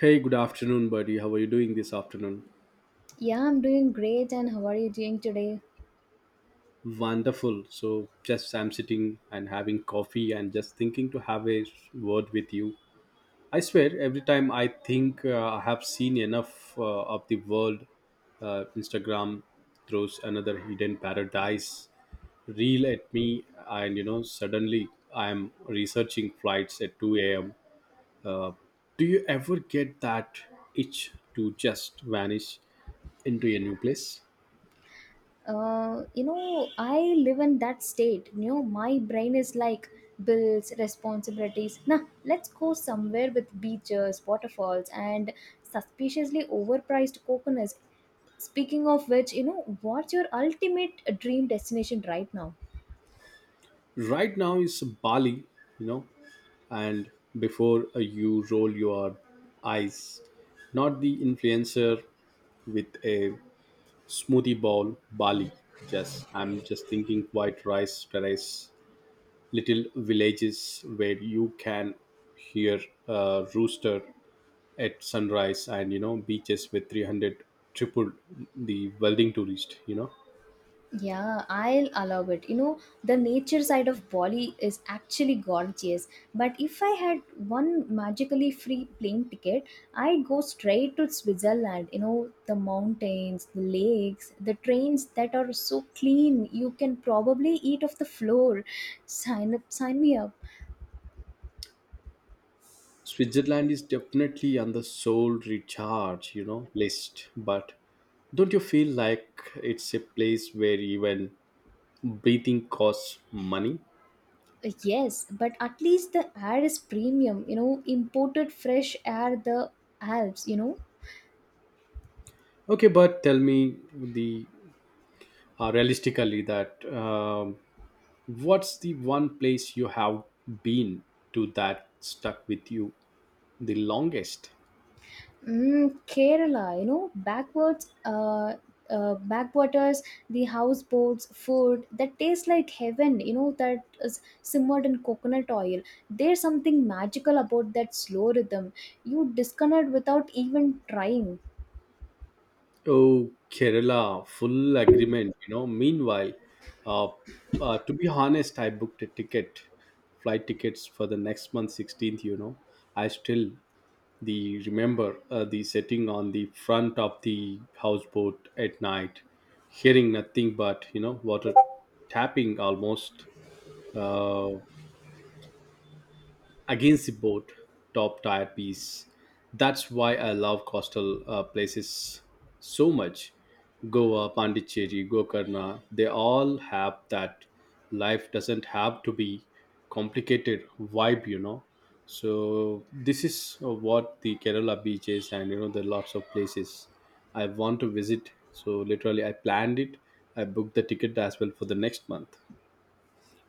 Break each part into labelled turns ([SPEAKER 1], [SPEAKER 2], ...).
[SPEAKER 1] Hey, good afternoon, buddy. How are you doing this afternoon?
[SPEAKER 2] Yeah, I'm doing great. And how are you doing today?
[SPEAKER 1] Wonderful. So, just I'm sitting and having coffee and just thinking to have a word with you. I swear, every time I think I have seen enough of the world, Instagram throws another hidden paradise reel at me, and you know, suddenly I'm researching flights at 2 a.m. Uh, do you ever get that itch to just vanish into a new place?
[SPEAKER 2] I live in that state. You know, my brain is like bills, responsibilities. Nah, let's go somewhere with beaches, waterfalls, and suspiciously overpriced coconuts. Speaking of which, you know, what's your ultimate dream destination right now?
[SPEAKER 1] Right now is Bali, you know, and before you roll your eyes, not the influencer with a smoothie bowl, Bali. Just I'm just thinking white rice terrace, little villages where you can hear a rooster at sunrise, and you know beaches with 300 triple the welding tourist, you know.
[SPEAKER 2] Yeah, I'll allow it. You know, the nature side of Bali is actually gorgeous. But if I had one magically free plane ticket, I'd go straight to Switzerland. You know, the mountains, the lakes, the trains that are so clean, you can probably eat off the floor. Sign up, sign me up.
[SPEAKER 1] Switzerland is definitely on the soul recharge, you know, list. But don't you feel like it's a place where even breathing costs money?
[SPEAKER 2] Yes, but at least the air is premium, you know, imported fresh air, the Alps, you know.
[SPEAKER 1] Okay, but tell me the realistically that what's the one place you have been to that stuck with you the longest?
[SPEAKER 2] Mm, Kerala, you know, backwards, backwaters, the houseboats, food that tastes like heaven, you know, that is simmered in coconut oil. There's something magical about that slow rhythm. You disconnect without even trying.
[SPEAKER 1] Oh, Kerala, full agreement. You know, meanwhile, uh, to be honest, I booked a ticket, flight tickets for the next month, 16th. You know, I still the remember the sitting on the front of the houseboat at night, hearing nothing but you know water tapping almost. Uh, Against the boat top tier piece, that's why I love coastal places so much. Goa, Pondicherry, Gokarna, they all have that life doesn't have to be complicated vibe, you know. So this is what, the Kerala beaches and you know the lots of places I want to visit, so literally I planned it. I booked the ticket as well for the next month.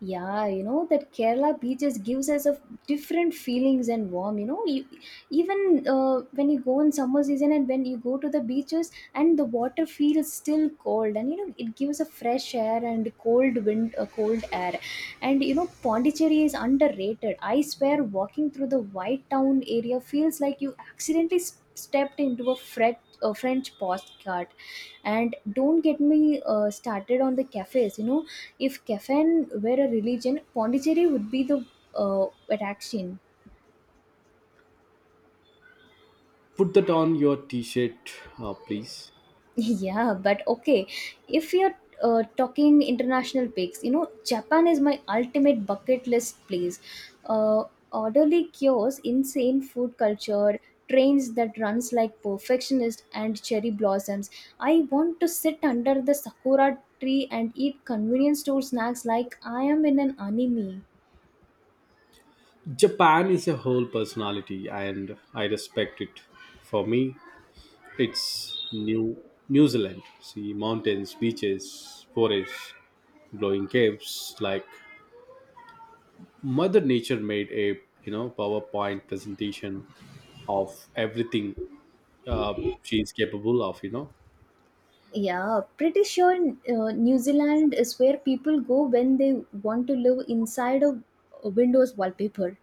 [SPEAKER 2] Yeah, you know, that Kerala beaches gives us a different feelings and warm, you know, you, even when you go in summer season and when you go to the beaches and the water feels still cold, and you know it gives a fresh air and cold wind, a cold air. And you know, Pondicherry is underrated. I swear walking through the white town area feels like you accidentally stepped into a French postcard. And don't get me started on the cafes, you know, if Cafan were a religion, Pondicherry would be the attraction.
[SPEAKER 1] Put that on your t-shirt, please.
[SPEAKER 2] Yeah, but okay. If you're talking international peaks, you know, Japan is my ultimate bucket list place. Uh, Orderly cures, insane food culture, trains that runs like perfectionist and cherry blossoms. I want to sit under the sakura tree and eat convenience store snacks like I am in an anime.
[SPEAKER 1] Japan is a whole personality, and I respect it. For me, it's New Zealand. See mountains, beaches, forests, glowing caves. Like Mother Nature made a you know PowerPoint presentation of everything uh, she is capable of, you know.
[SPEAKER 2] Yeah, pretty sure New Zealand is where people go when they want to live inside of a Windows wallpaper.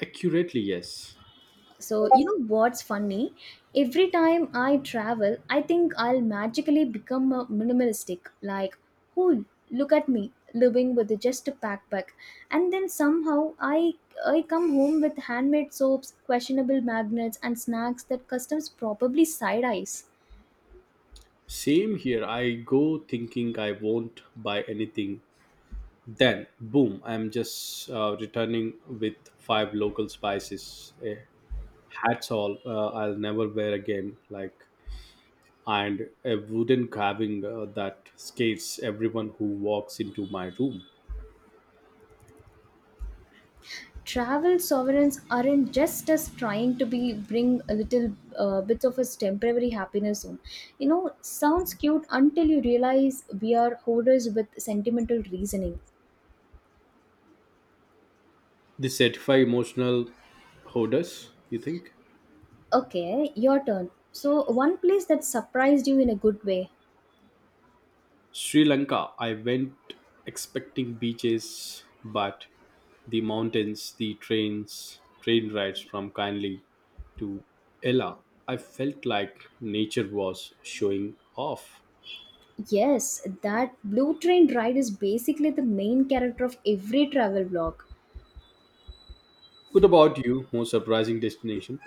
[SPEAKER 1] Accurately, yes.
[SPEAKER 2] So, you know what's funny? Every time I travel, I think I'll magically become a minimalistic. Like, oh, look at me living with just a backpack. And then somehow I come home with handmade soaps, questionable magnets, and snacks that customs probably side eyes.
[SPEAKER 1] Same here. I go thinking I won't buy anything. Then, boom! I'm just returning with five local spices. Eh, hats all I'll never wear again. Like, and a wooden carving that scares everyone who walks into my room.
[SPEAKER 2] Travel sovereigns aren't just us trying to be bring a little bits of us temporary happiness home, you know, sounds cute until you realize we are hoarders with sentimental reasoning.
[SPEAKER 1] They certify emotional hoarders. You think
[SPEAKER 2] Okay, your turn. So one place that surprised you in a good way?
[SPEAKER 1] Sri Lanka? I went expecting beaches, but the mountains, the trains, train rides from Kindly to Ella. I felt like nature was showing off.
[SPEAKER 2] Yes, that blue train ride is basically the main character of every travel vlog.
[SPEAKER 1] What about you? Most surprising destination?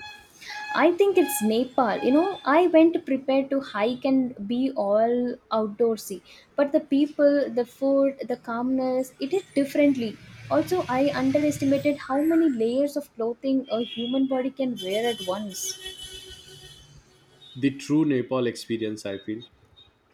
[SPEAKER 2] I think it's Nepal. You know, I went prepared to hike and be all outdoorsy, but the people, the food, the calmness, it is differently. Also, I underestimated how many layers of clothing a human body can wear at once.
[SPEAKER 1] The true Nepal experience, I feel.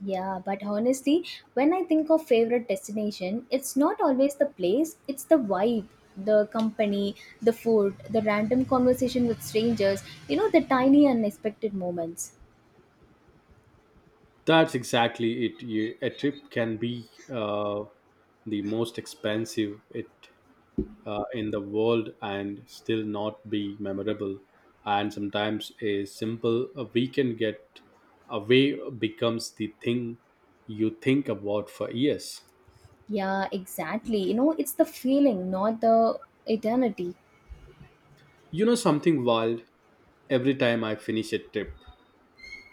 [SPEAKER 2] Yeah, but honestly, when I think of favorite destination, it's not always the place, it's the vibe, the company, the food, the random conversation with strangers, you know, the tiny unexpected moments.
[SPEAKER 1] That's exactly it. You- a trip can be the most expensive it in the world and still not be memorable, and sometimes a simple a weekend get away becomes the thing you think about for years.
[SPEAKER 2] Yeah, exactly. You know, it's the feeling, not the eternity.
[SPEAKER 1] You know something wild, every time I finish a trip,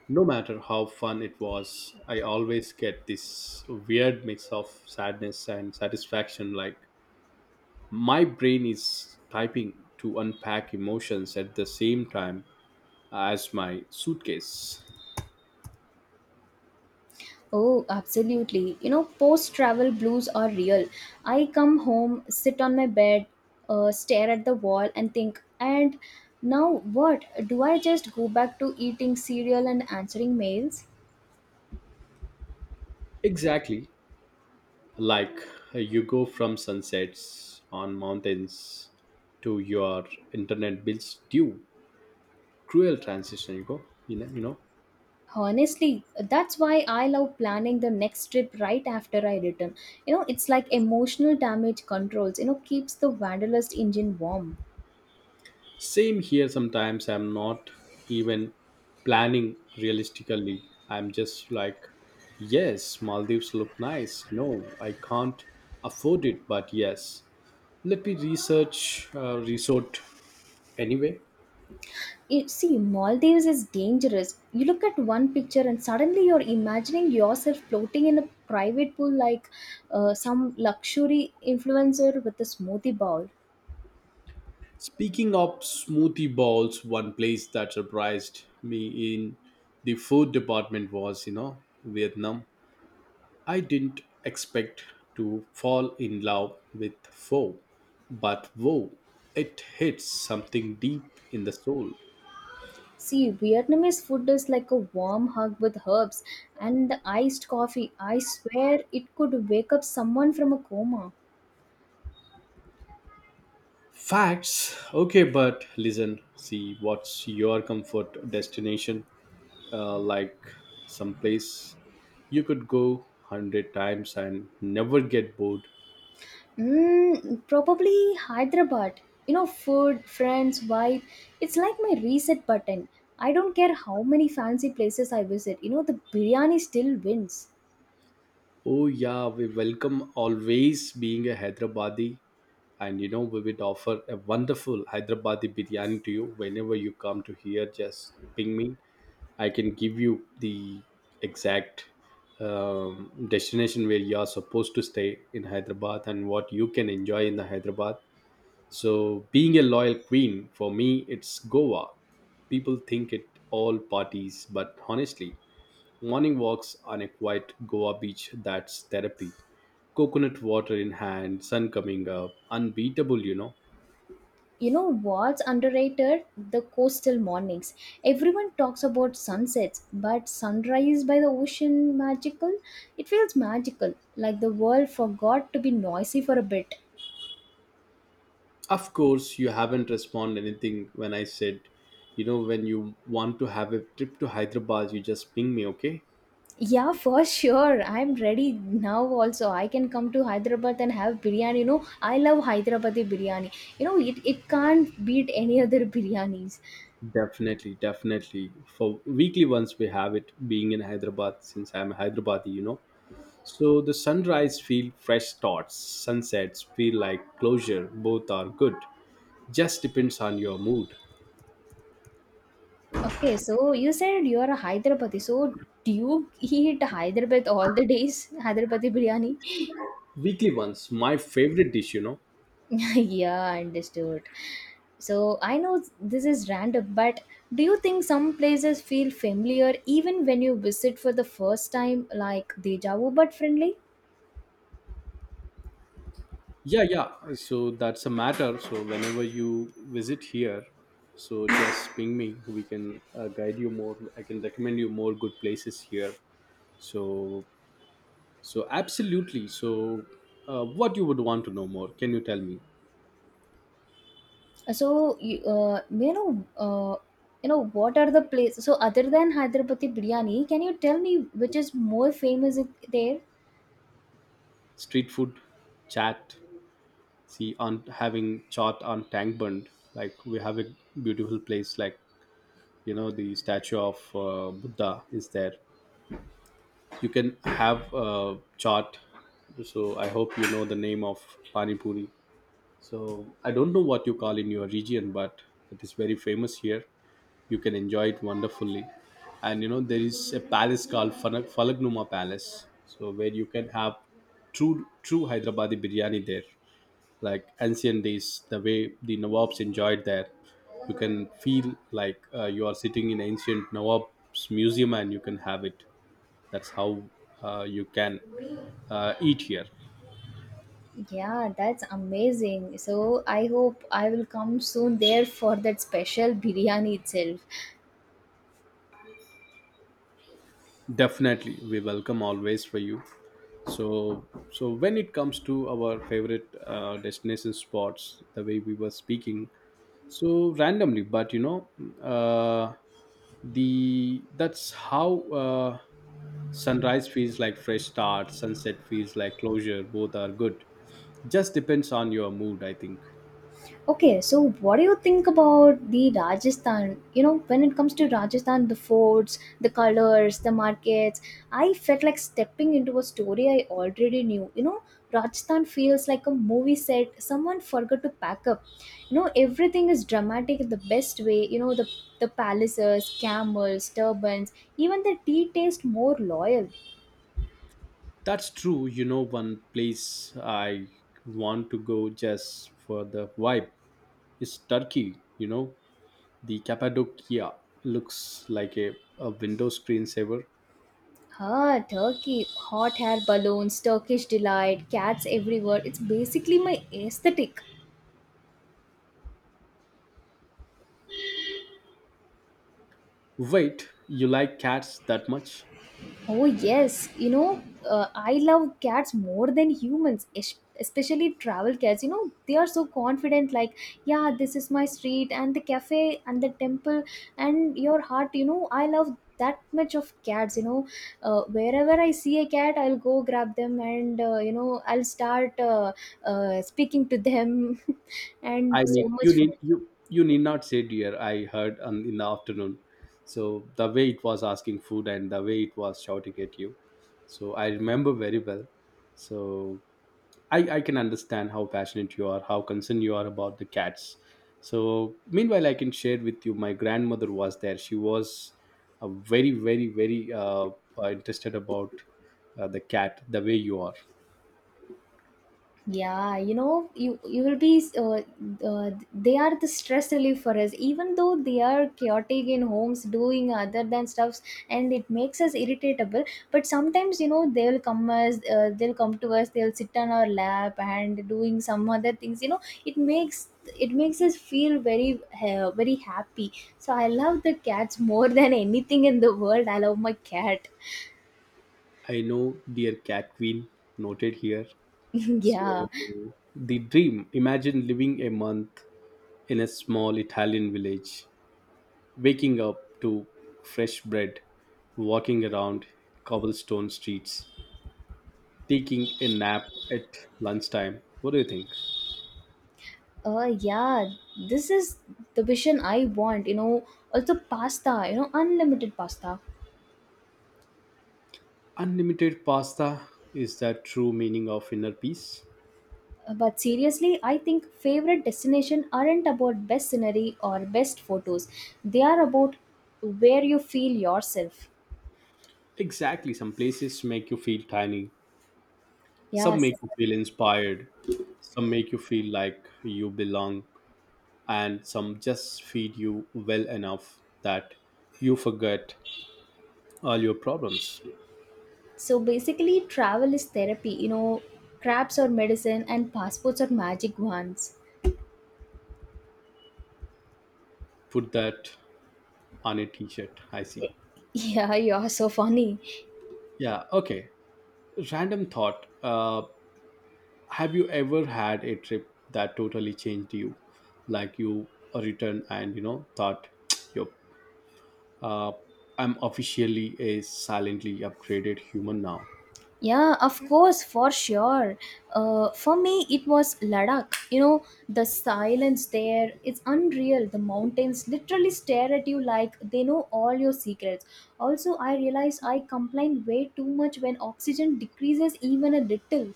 [SPEAKER 1] no matter how fun it was, I always get this weird mix of sadness and satisfaction. Like my brain is typing to unpack emotions at the same time as my suitcase.
[SPEAKER 2] Oh, absolutely. You know, post travel blues are real. I come home, sit on my bed, stare at the wall, and think, and now what? Do I just go back to eating cereal and answering mails?
[SPEAKER 1] Exactly. Like you go from sunsets on mountains to your internet bills due. Cruel transition, you go. You know, you know.
[SPEAKER 2] Honestly, that's why I love planning the next trip right after I return. You know, it's like emotional damage controls, you know, keeps the wanderlust engine warm.
[SPEAKER 1] Same here, sometimes I'm not even planning realistically. I'm just like, yes, Maldives look nice. No, I can't afford it, but yes, let me research resort anyway.
[SPEAKER 2] You see, Maldives is dangerous. You look at one picture and suddenly you're imagining yourself floating in a private pool like some luxury influencer with a smoothie bowl.
[SPEAKER 1] Speaking of smoothie bowls, one place that surprised me in the food department was, you know, Vietnam. I didn't expect to fall in love with foe, but whoa, it hits something deep in the soul.
[SPEAKER 2] See, Vietnamese food is like a warm hug with herbs and the iced coffee. I swear it could wake up someone from a coma.
[SPEAKER 1] Facts, okay, but listen, see, what's your comfort destination? Like someplace you could go hundred times and never get bored.
[SPEAKER 2] Mm, probably Hyderabad. You know, food, friends, vibe. It's like my reset button. I don't care how many fancy places I visit. You know, the biryani still wins.
[SPEAKER 1] Oh yeah, we welcome always being a Hyderabadi, and you know we would offer a wonderful Hyderabadi biryani to you whenever you come to here. Just ping me, I can give you the exact destination where you are supposed to stay in Hyderabad and what you can enjoy in the Hyderabad. So, being a loyal queen, for me it's Goa. People think it all parties, but honestly, morning walks on a quiet Goa beach, that's therapy. Coconut water in hand, sun coming up, unbeatable, you know.
[SPEAKER 2] You know what's underrated? The coastal mornings. Everyone talks about sunsets, but sunrise by the ocean magical? It feels magical, like the world forgot to be noisy for a bit.
[SPEAKER 1] Of course, you haven't responded anything when I said, you know, when you want to have a trip to Hyderabad, you just ping me, okay?
[SPEAKER 2] Yeah, for sure. I'm ready now also. I can come to Hyderabad and have biryani. You know, I love Hyderabadi biryani. You know, it can't beat any other biryanis.
[SPEAKER 1] Definitely, definitely. For weekly once we have it being in Hyderabad since I'm a Hyderabadi, you know. So the sunrise feel fresh starts, sunsets feel like closure, both are good. Just depends on your mood.
[SPEAKER 2] Okay, so you said you're a Hyderabadi. So do you eat Hyderabad all the days? Hyderabadi biryani?
[SPEAKER 1] Weekly ones, my favorite dish, you know.
[SPEAKER 2] Yeah, understood. So I know this is random, but do you think some places feel familiar even when you visit for the first time, like deja vu but friendly?
[SPEAKER 1] Yeah, yeah. So that's a matter. So whenever you visit here, so just ping me. We can guide you more. I can recommend you more good places here. So, so absolutely. So, what you would want to know more? Can you tell me?
[SPEAKER 2] So, what are the places? So, other than Hyderabadi biryani, can you tell me which is more famous there?
[SPEAKER 1] Street food, chat. See, on having chat on Tank Bund, like we have a beautiful place. Like you know, the statue of Buddha is there. You can have a chart. So I hope you know the name of pani puri. So I don't know what you call in your region, but it is very famous here. You can enjoy it wonderfully. And you know there is a palace called Falagnuma Palace. So where you can have true Hyderabadi biryani there, like ancient days, the way the Nawabs enjoyed there. You can feel like you are sitting in ancient Nawab's museum and you can have it. That's how you can eat here.
[SPEAKER 2] Yeah, that's amazing. So, I hope I will come soon there for that special biryani itself.
[SPEAKER 1] Definitely, we welcome always for you. So, so when it comes to our favorite destination spots, the way we were speaking so randomly, but you know uh, the that's how sunrise feels like fresh start, sunset feels like closure, both are good. Just depends on your mood, I think.
[SPEAKER 2] Okay, so what do you think about the Rajasthan? You know, when it comes to Rajasthan, the forts, the colors, the markets, I felt like stepping into a story I already knew. You know, Rajasthan feels like a movie set. Someone forgot to pack up. You know, everything is dramatic in the best way. You know, the palaces, camels, turbans, even the tea taste more loyal.
[SPEAKER 1] That's true. You know, one place I want to go just for the vibe is Turkey. You know, the Cappadocia looks like a window screensaver.
[SPEAKER 2] Ah, Turkey, hot air balloons, Turkish delight, cats everywhere. It's basically my aesthetic.
[SPEAKER 1] Wait, you like cats that much?
[SPEAKER 2] Oh, yes. You know, I love cats more than humans, especially travel cats. You know, they are so confident, like, yeah, this is my street, and the cafe, and the temple, and your heart. You know, I love that much of cats. You know, wherever I see a cat, I'll go grab them, and, you know, I'll start speaking to them, and
[SPEAKER 1] I
[SPEAKER 2] so
[SPEAKER 1] mean, you
[SPEAKER 2] much fun.
[SPEAKER 1] need you need not say dear. I heard on, in the afternoon. So the way it was asking food and the way it was shouting at you, so I remember very well. So I can understand how passionate you are, how concerned you are about the cats. So, meanwhile, I can share with you my grandmother was there. She was very, very, very interested about the cat, the way you are.
[SPEAKER 2] Yeah, you know, you will be. They are the stress relief for us, even though they are chaotic in homes, doing other than stuffs, and it makes us irritable. But sometimes, you know, they'll come us, they'll come to us, they'll sit on our lap and doing some other things. You know, it makes it makes us feel very happy. So I love the cats more than anything in the world. I love my cat.
[SPEAKER 1] I know, dear cat queen, noted here.
[SPEAKER 2] Yeah.
[SPEAKER 1] So, the dream, imagine living a month in a small Italian village, waking up to fresh bread, walking around cobblestone streets, taking a nap at lunchtime. What do you think?
[SPEAKER 2] Yeah, this is the vision I want, you know. Also, pasta, you know, unlimited pasta.
[SPEAKER 1] Unlimited pasta is that true meaning of inner peace?
[SPEAKER 2] But seriously, I think favorite destination aren't about best scenery or best photos. They are about where you feel yourself.
[SPEAKER 1] Exactly. Some places make you feel tiny, some
[SPEAKER 2] Yes.
[SPEAKER 1] make you feel inspired, some make you feel like you belong, and some just feed you well enough that you forget all your problems.
[SPEAKER 2] So basically, travel is therapy, you know, crabs are medicine and passports are magic wands.
[SPEAKER 1] Put that on a t shirt. I see.
[SPEAKER 2] Yeah, you are so funny.
[SPEAKER 1] Yeah, okay. Random thought. Have you ever had a trip that totally changed you? Like you returned and you know thought, "Yup, uh, I'm officially a silently upgraded human now."
[SPEAKER 2] Yeah, of course, for sure. For me, it was Ladakh. You know, the silence there, it's unreal. The mountains literally stare at you like they know all your secrets. Also, I realized I complain way too much when oxygen decreases even a little.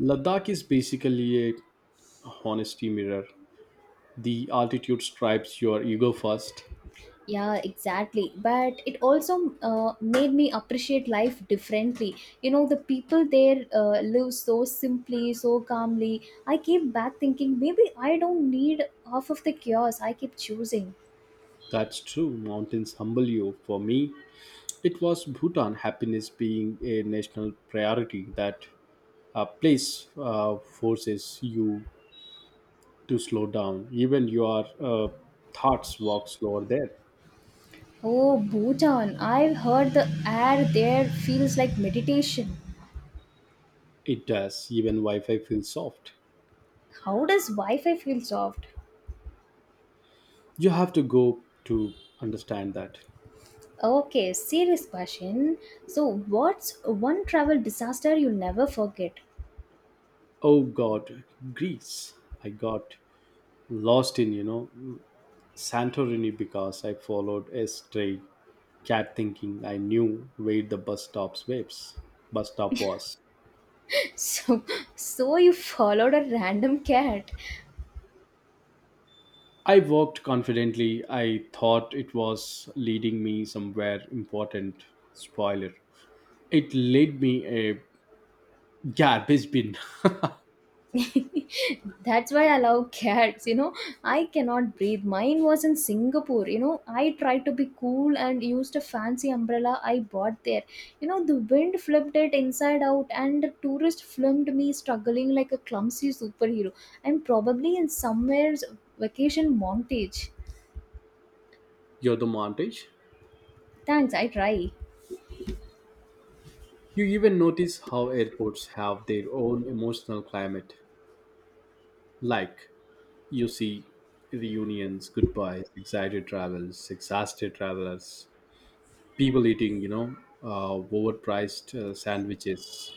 [SPEAKER 1] Ladakh is basically a honesty mirror. The altitude stripes your ego first.
[SPEAKER 2] Yeah, exactly. But it also made me appreciate life differently. You know, the people there live so simply, so calmly. I came back thinking maybe I don't need half of the chaos I keep choosing.
[SPEAKER 1] That's true. Mountains humble you. For me, it was Bhutan. Happiness being a national priority, that a place forces you to slow down. Even your thoughts walk slower there.
[SPEAKER 2] Oh, Bhutan, I've heard the air there feels like meditation.
[SPEAKER 1] It does. Even Wi Fi feels soft.
[SPEAKER 2] How does Wi Fi feel soft?
[SPEAKER 1] You have to go to understand that.
[SPEAKER 2] Okay, serious question. So, what's one travel disaster you never forget?
[SPEAKER 1] Oh God, Greece. I got lost in, you know, Santorini because I followed a stray cat thinking I knew where the bus stop's waves. Bus stop was.
[SPEAKER 2] So, so you followed a random cat.
[SPEAKER 1] I walked confidently. I thought it was leading me somewhere important. Spoiler. It led me a garbage bin.
[SPEAKER 2] That's why I love cats, you know. I cannot breathe. Mine was in Singapore, you know. I tried to be cool and used a fancy umbrella I bought there. You know, the wind flipped it inside out, and the tourist filmed me struggling like a clumsy superhero. I'm probably in somewhere's vacation montage.
[SPEAKER 1] You're the montage.
[SPEAKER 2] Thanks, I try.
[SPEAKER 1] You even notice how airports have their own emotional climate. Like, you see reunions, goodbyes, excited travelers, exhausted travelers, people eating, you know, uh, overpriced sandwiches.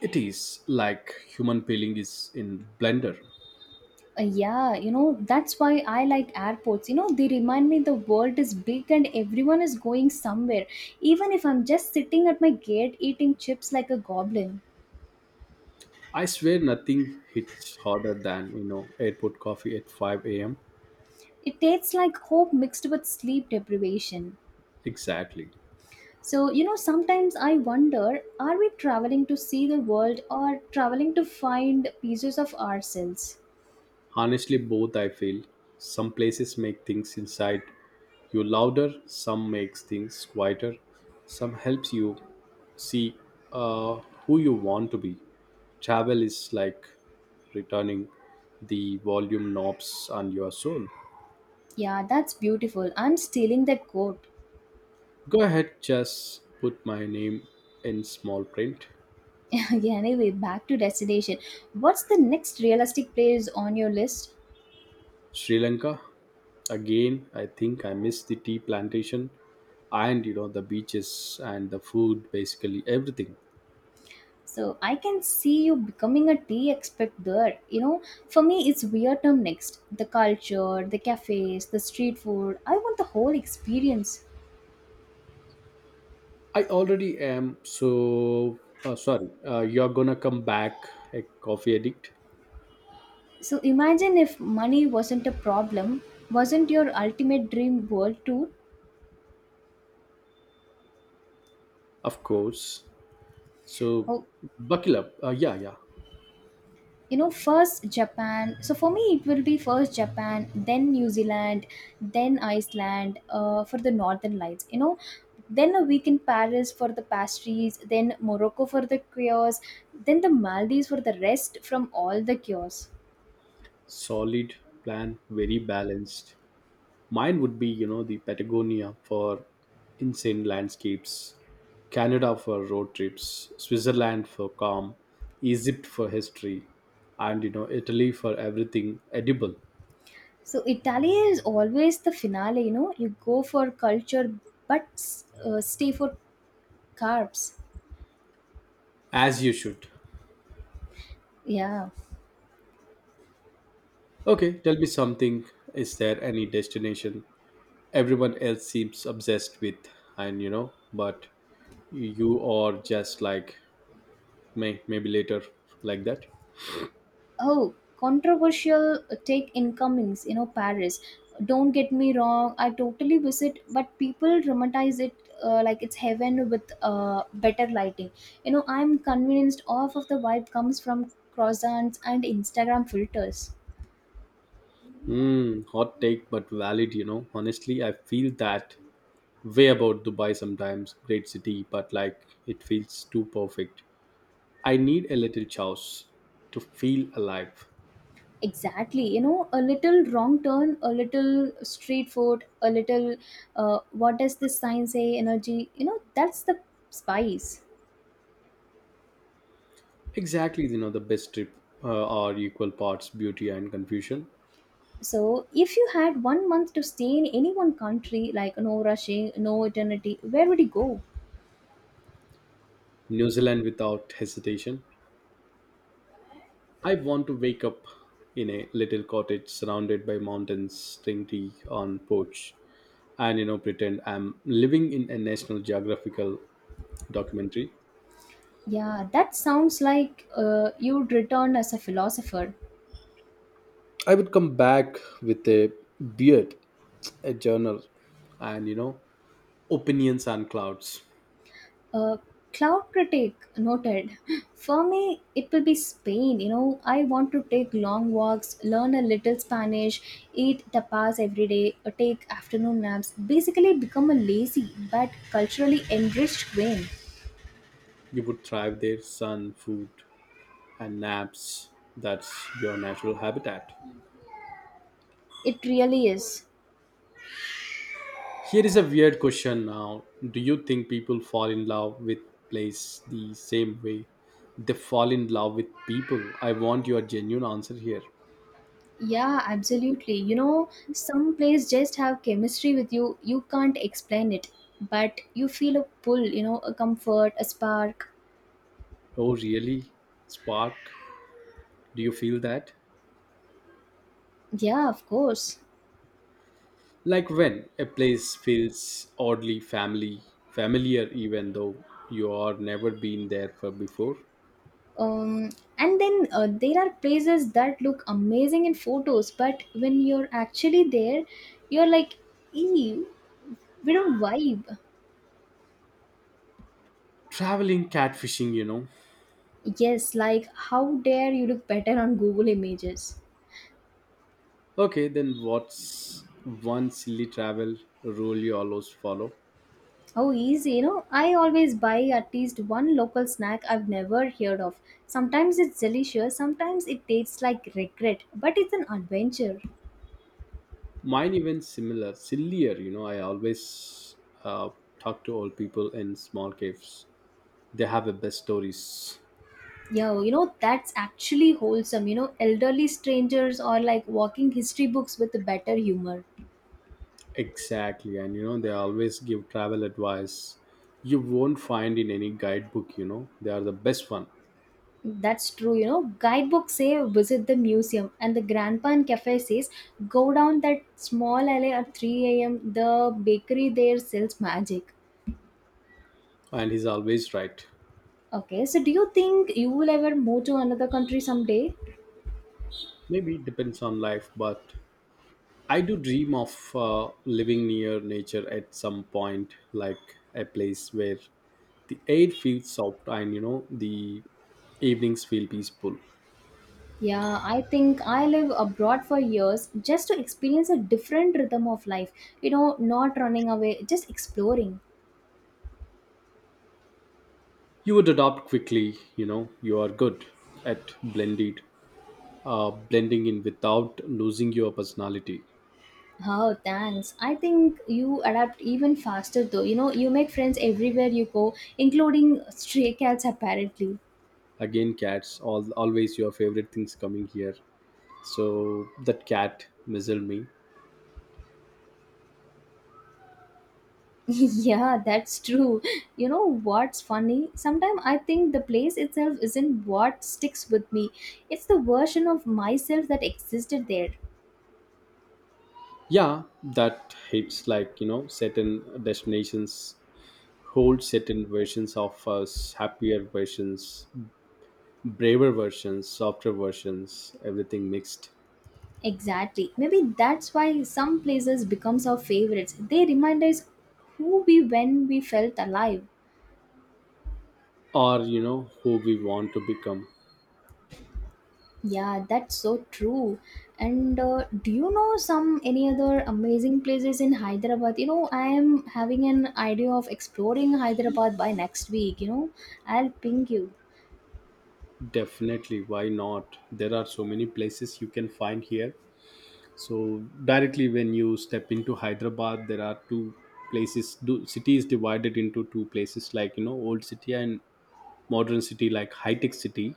[SPEAKER 1] It is like human peeling is in blender.
[SPEAKER 2] Yeah, you know, that's why I like airports. You know, they remind me the world is big and everyone is going somewhere. Even if I'm just sitting at my gate eating chips like a goblin,
[SPEAKER 1] I swear nothing hits harder than, you know, airport coffee at 5 a.m.
[SPEAKER 2] it tastes like hope mixed with sleep deprivation.
[SPEAKER 1] Exactly.
[SPEAKER 2] So, you know, sometimes I wonder are we traveling to see the world or traveling to find pieces of ourselves?
[SPEAKER 1] Honestly, both I feel. Some places make things inside you louder, some makes things quieter, some helps you see uh, who you want to be. Travel is like returning the volume knobs on your soul.
[SPEAKER 2] Yeah, that's beautiful. I'm stealing that quote.
[SPEAKER 1] Go ahead, just put my name in small print.
[SPEAKER 2] Yeah, anyway, back to destination. What's the next realistic place on your list?
[SPEAKER 1] Sri Lanka. Again, I think I miss the tea plantation and you know the beaches and the food, basically everything.
[SPEAKER 2] So I can see you becoming a tea expert there. You know, for me, it's Vietnam next. The culture, the cafes, the street food. I want the whole experience.
[SPEAKER 1] I already am. So, sorry, you're gonna come back a coffee addict,
[SPEAKER 2] So imagine if money wasn't a problem, wasn't your ultimate dream world tour?
[SPEAKER 1] of course. So,
[SPEAKER 2] How
[SPEAKER 1] buckle up. Yeah, yeah.
[SPEAKER 2] you know first japan so for me, it will be first Japan, then New Zealand, then Iceland, for the northern lights, then a week in Paris for the pastries, then Morocco for the cures, then the Maldives for the rest from all the cures.
[SPEAKER 1] Solid plan, very balanced. Mine would be, you know, the Patagonia for insane landscapes, Canada for road trips, Switzerland for calm, Egypt for history, and, you know, Italy for everything edible,
[SPEAKER 2] So Italy is always the finale. You know, you go for culture, but stay for carbs.
[SPEAKER 1] as you should.
[SPEAKER 2] Yeah.
[SPEAKER 1] Okay, tell me something. Is there any destination everyone else seems obsessed with, and you know but you are just like maybe later, like that.
[SPEAKER 2] Oh, controversial take incomings. Paris, don't get me wrong, I totally visit, but people dramatize it. Like it's heaven with better lighting. I'm convinced off of the vibe comes from croissants and Instagram filters.
[SPEAKER 1] Hmm, hot take but valid, honestly I feel that way about Dubai sometimes. Great city, but like it feels too perfect. I need a little chaos to feel alive.
[SPEAKER 2] Exactly. You know, a little wrong turn, a little street food, a little what does this sign say energy. That's the spice.
[SPEAKER 1] Exactly, the best trip are equal parts beauty and confusion.
[SPEAKER 2] So, if you had one month to stay in any one country, like no rushing, no eternity, where would you go?
[SPEAKER 1] New Zealand without hesitation. I want to wake up in a little cottage surrounded by mountains, drink tea on porch, and pretend I'm living in a National Geographical documentary.
[SPEAKER 2] Yeah, that sounds like you'd return as a philosopher.
[SPEAKER 1] I would come back with a beard, a journal, and opinions and clouds.
[SPEAKER 2] Uh, cloud critic noted. For me, it will be Spain. You know, I want to take long walks, learn a little Spanish, eat tapas every day, take afternoon naps. Basically, become a lazy but culturally enriched queen.
[SPEAKER 1] You would thrive there, sun, food, and naps. That's your natural habitat.
[SPEAKER 2] It really is.
[SPEAKER 1] Here is a weird question now. Do you think people fall in love with place the same way they fall in love with people? I want your genuine answer here.
[SPEAKER 2] Yeah, absolutely. You know, some plays just have chemistry with you. You can't explain it, but you feel a pull, you know, a comfort, a spark.
[SPEAKER 1] Oh, really? Spark? Do you feel that?
[SPEAKER 2] Yeah, of course.
[SPEAKER 1] Like when a place feels oddly familiar even though you are never been there for before?
[SPEAKER 2] Um, and then there are places that look amazing in photos, but when you're actually there, you're like, ew, we don't vibe.
[SPEAKER 1] Traveling catfishing,
[SPEAKER 2] Yes, like, how dare you look better on Google Images?
[SPEAKER 1] Okay, then what's one silly travel rule you always follow?
[SPEAKER 2] Oh, easy. You know, I always buy at least one local snack I've never heard of. Sometimes it's delicious, sometimes it tastes like regret, but it's an adventure.
[SPEAKER 1] Mine even similar sillier, I always uh, talk to old people in small caves. They have the best stories.
[SPEAKER 2] Yo, you know, that's actually wholesome. You know, elderly strangers or like walking history books with better humor.
[SPEAKER 1] Exactly, and they always give travel advice you won't find in any guidebook. They are the best one.
[SPEAKER 2] That's true, you know. Guidebooks say visit the museum, and the grandpa and cafe says go down that small alley at 3 a.m. The bakery there sells magic.
[SPEAKER 1] And he's always right.
[SPEAKER 2] Okay, so do you think you will ever move to another country someday?
[SPEAKER 1] Maybe it depends on life, but I do dream of living near nature at some point, like a place where the air feels soft and the evenings feel peaceful.
[SPEAKER 2] Yeah, I think I live abroad for years just to experience a different rhythm of life. You know, not running away, just exploring.
[SPEAKER 1] You would adopt quickly, you are good at blended blending in without losing your personality.
[SPEAKER 2] Oh, thanks. I think you adapt even faster though. You know, you make friends everywhere you go, including stray cats apparently.
[SPEAKER 1] Again, cats all always your favorite things coming here, so that cat mizzled me.
[SPEAKER 2] Yeah, that's true. You know what's funny? Sometimes I think the place itself isn't what sticks with me. It's the version of myself that existed there.
[SPEAKER 1] Yeah, that hits, like certain destinations hold certain versions of us. Happier versions, braver versions, softer versions, everything mixed.
[SPEAKER 2] Exactly. Maybe that's why some places becomes our favorites. They remind us who we when we felt alive.
[SPEAKER 1] Or who we want to become.
[SPEAKER 2] Yeah, that's so true. And do you know some any other amazing places in Hyderabad? You know, I am having an idea of exploring Hyderabad by next week. You know, I'll ping you.
[SPEAKER 1] Definitely, why not? There are so many places you can find here. So directly when you step into Hyderabad, there are two places. Do, city is divided into two places, like, old city and modern city, like high tech city.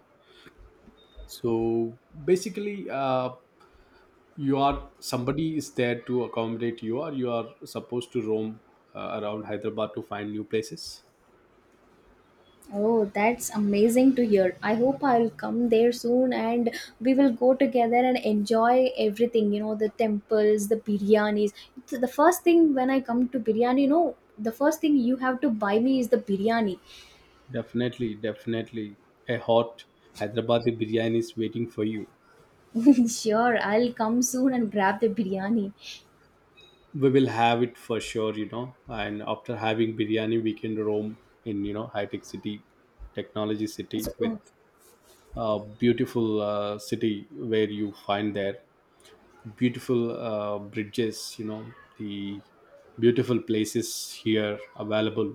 [SPEAKER 1] So basically, you are somebody is there to accommodate you, or you are supposed to roam around Hyderabad to find new places.
[SPEAKER 2] Oh, that's amazing to hear. I hope I'll come there soon and we will go together and enjoy everything, you know, the temples, the biryanis. It's The first thing when I come to biryani, you know, the first thing you have to buy me is the biryani.
[SPEAKER 1] Definitely, definitely, a hot Hyderabadi biryani is waiting for you.
[SPEAKER 2] Sure, I'll come soon and grab the biryani.
[SPEAKER 1] We will have it for sure, and after having biryani we can roam in, high tech city, technology city,
[SPEAKER 2] So, oh,
[SPEAKER 1] with a beautiful city where you find there beautiful bridges, the beautiful places here available,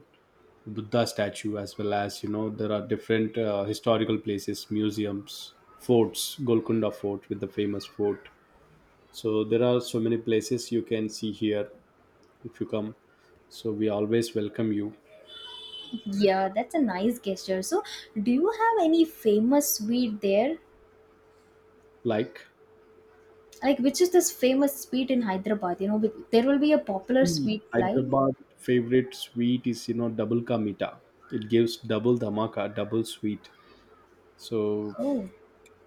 [SPEAKER 1] Buddha statue, as well as there are different historical places, museums, forts, Golconda fort, with the famous fort. So there are so many places you can see here if you come. So we always welcome you.
[SPEAKER 2] yeah, that's a nice gesture. So, do you have any famous sweet there?
[SPEAKER 1] Like,
[SPEAKER 2] Like, which is this famous sweet in Hyderabad? You know, there will be a popular
[SPEAKER 1] see,
[SPEAKER 2] sweet like,
[SPEAKER 1] Hyderabad favorite sweet is, double ka meeta. It gives double dhamaka, double sweet. So
[SPEAKER 2] oh,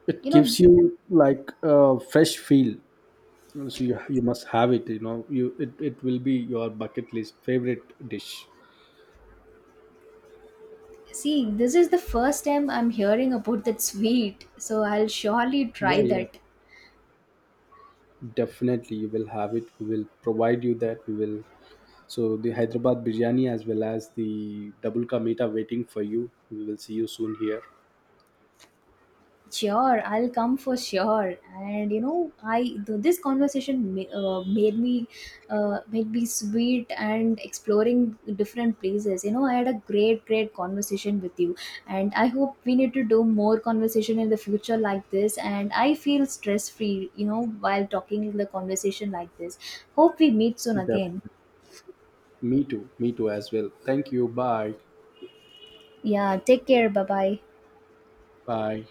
[SPEAKER 1] it
[SPEAKER 2] you know,
[SPEAKER 1] gives you like a fresh feel. So you must have it. You know it will be your bucket list favorite dish.
[SPEAKER 2] See, this is the first time I'm hearing about that sweet, so I'll surely
[SPEAKER 1] Yeah,
[SPEAKER 2] try
[SPEAKER 1] yeah,
[SPEAKER 2] that.
[SPEAKER 1] definitely. You will have it. We will provide you that. We will. So the Hyderabad biryani as well as the double ka meeta waiting for you. We will see you soon here.
[SPEAKER 2] Sure, I'll come for sure. And you know, this conversation made me sweet and exploring different places. You know, I had a great, great conversation with you, and I hope we need to do more conversation in the future like this. And I feel stress free, you know, while talking in the conversation like this. Hope we meet soon again.
[SPEAKER 1] Definitely. Me too. Me too as well. Thank you. Bye.
[SPEAKER 2] Yeah, take care. Bye bye.
[SPEAKER 1] Bye.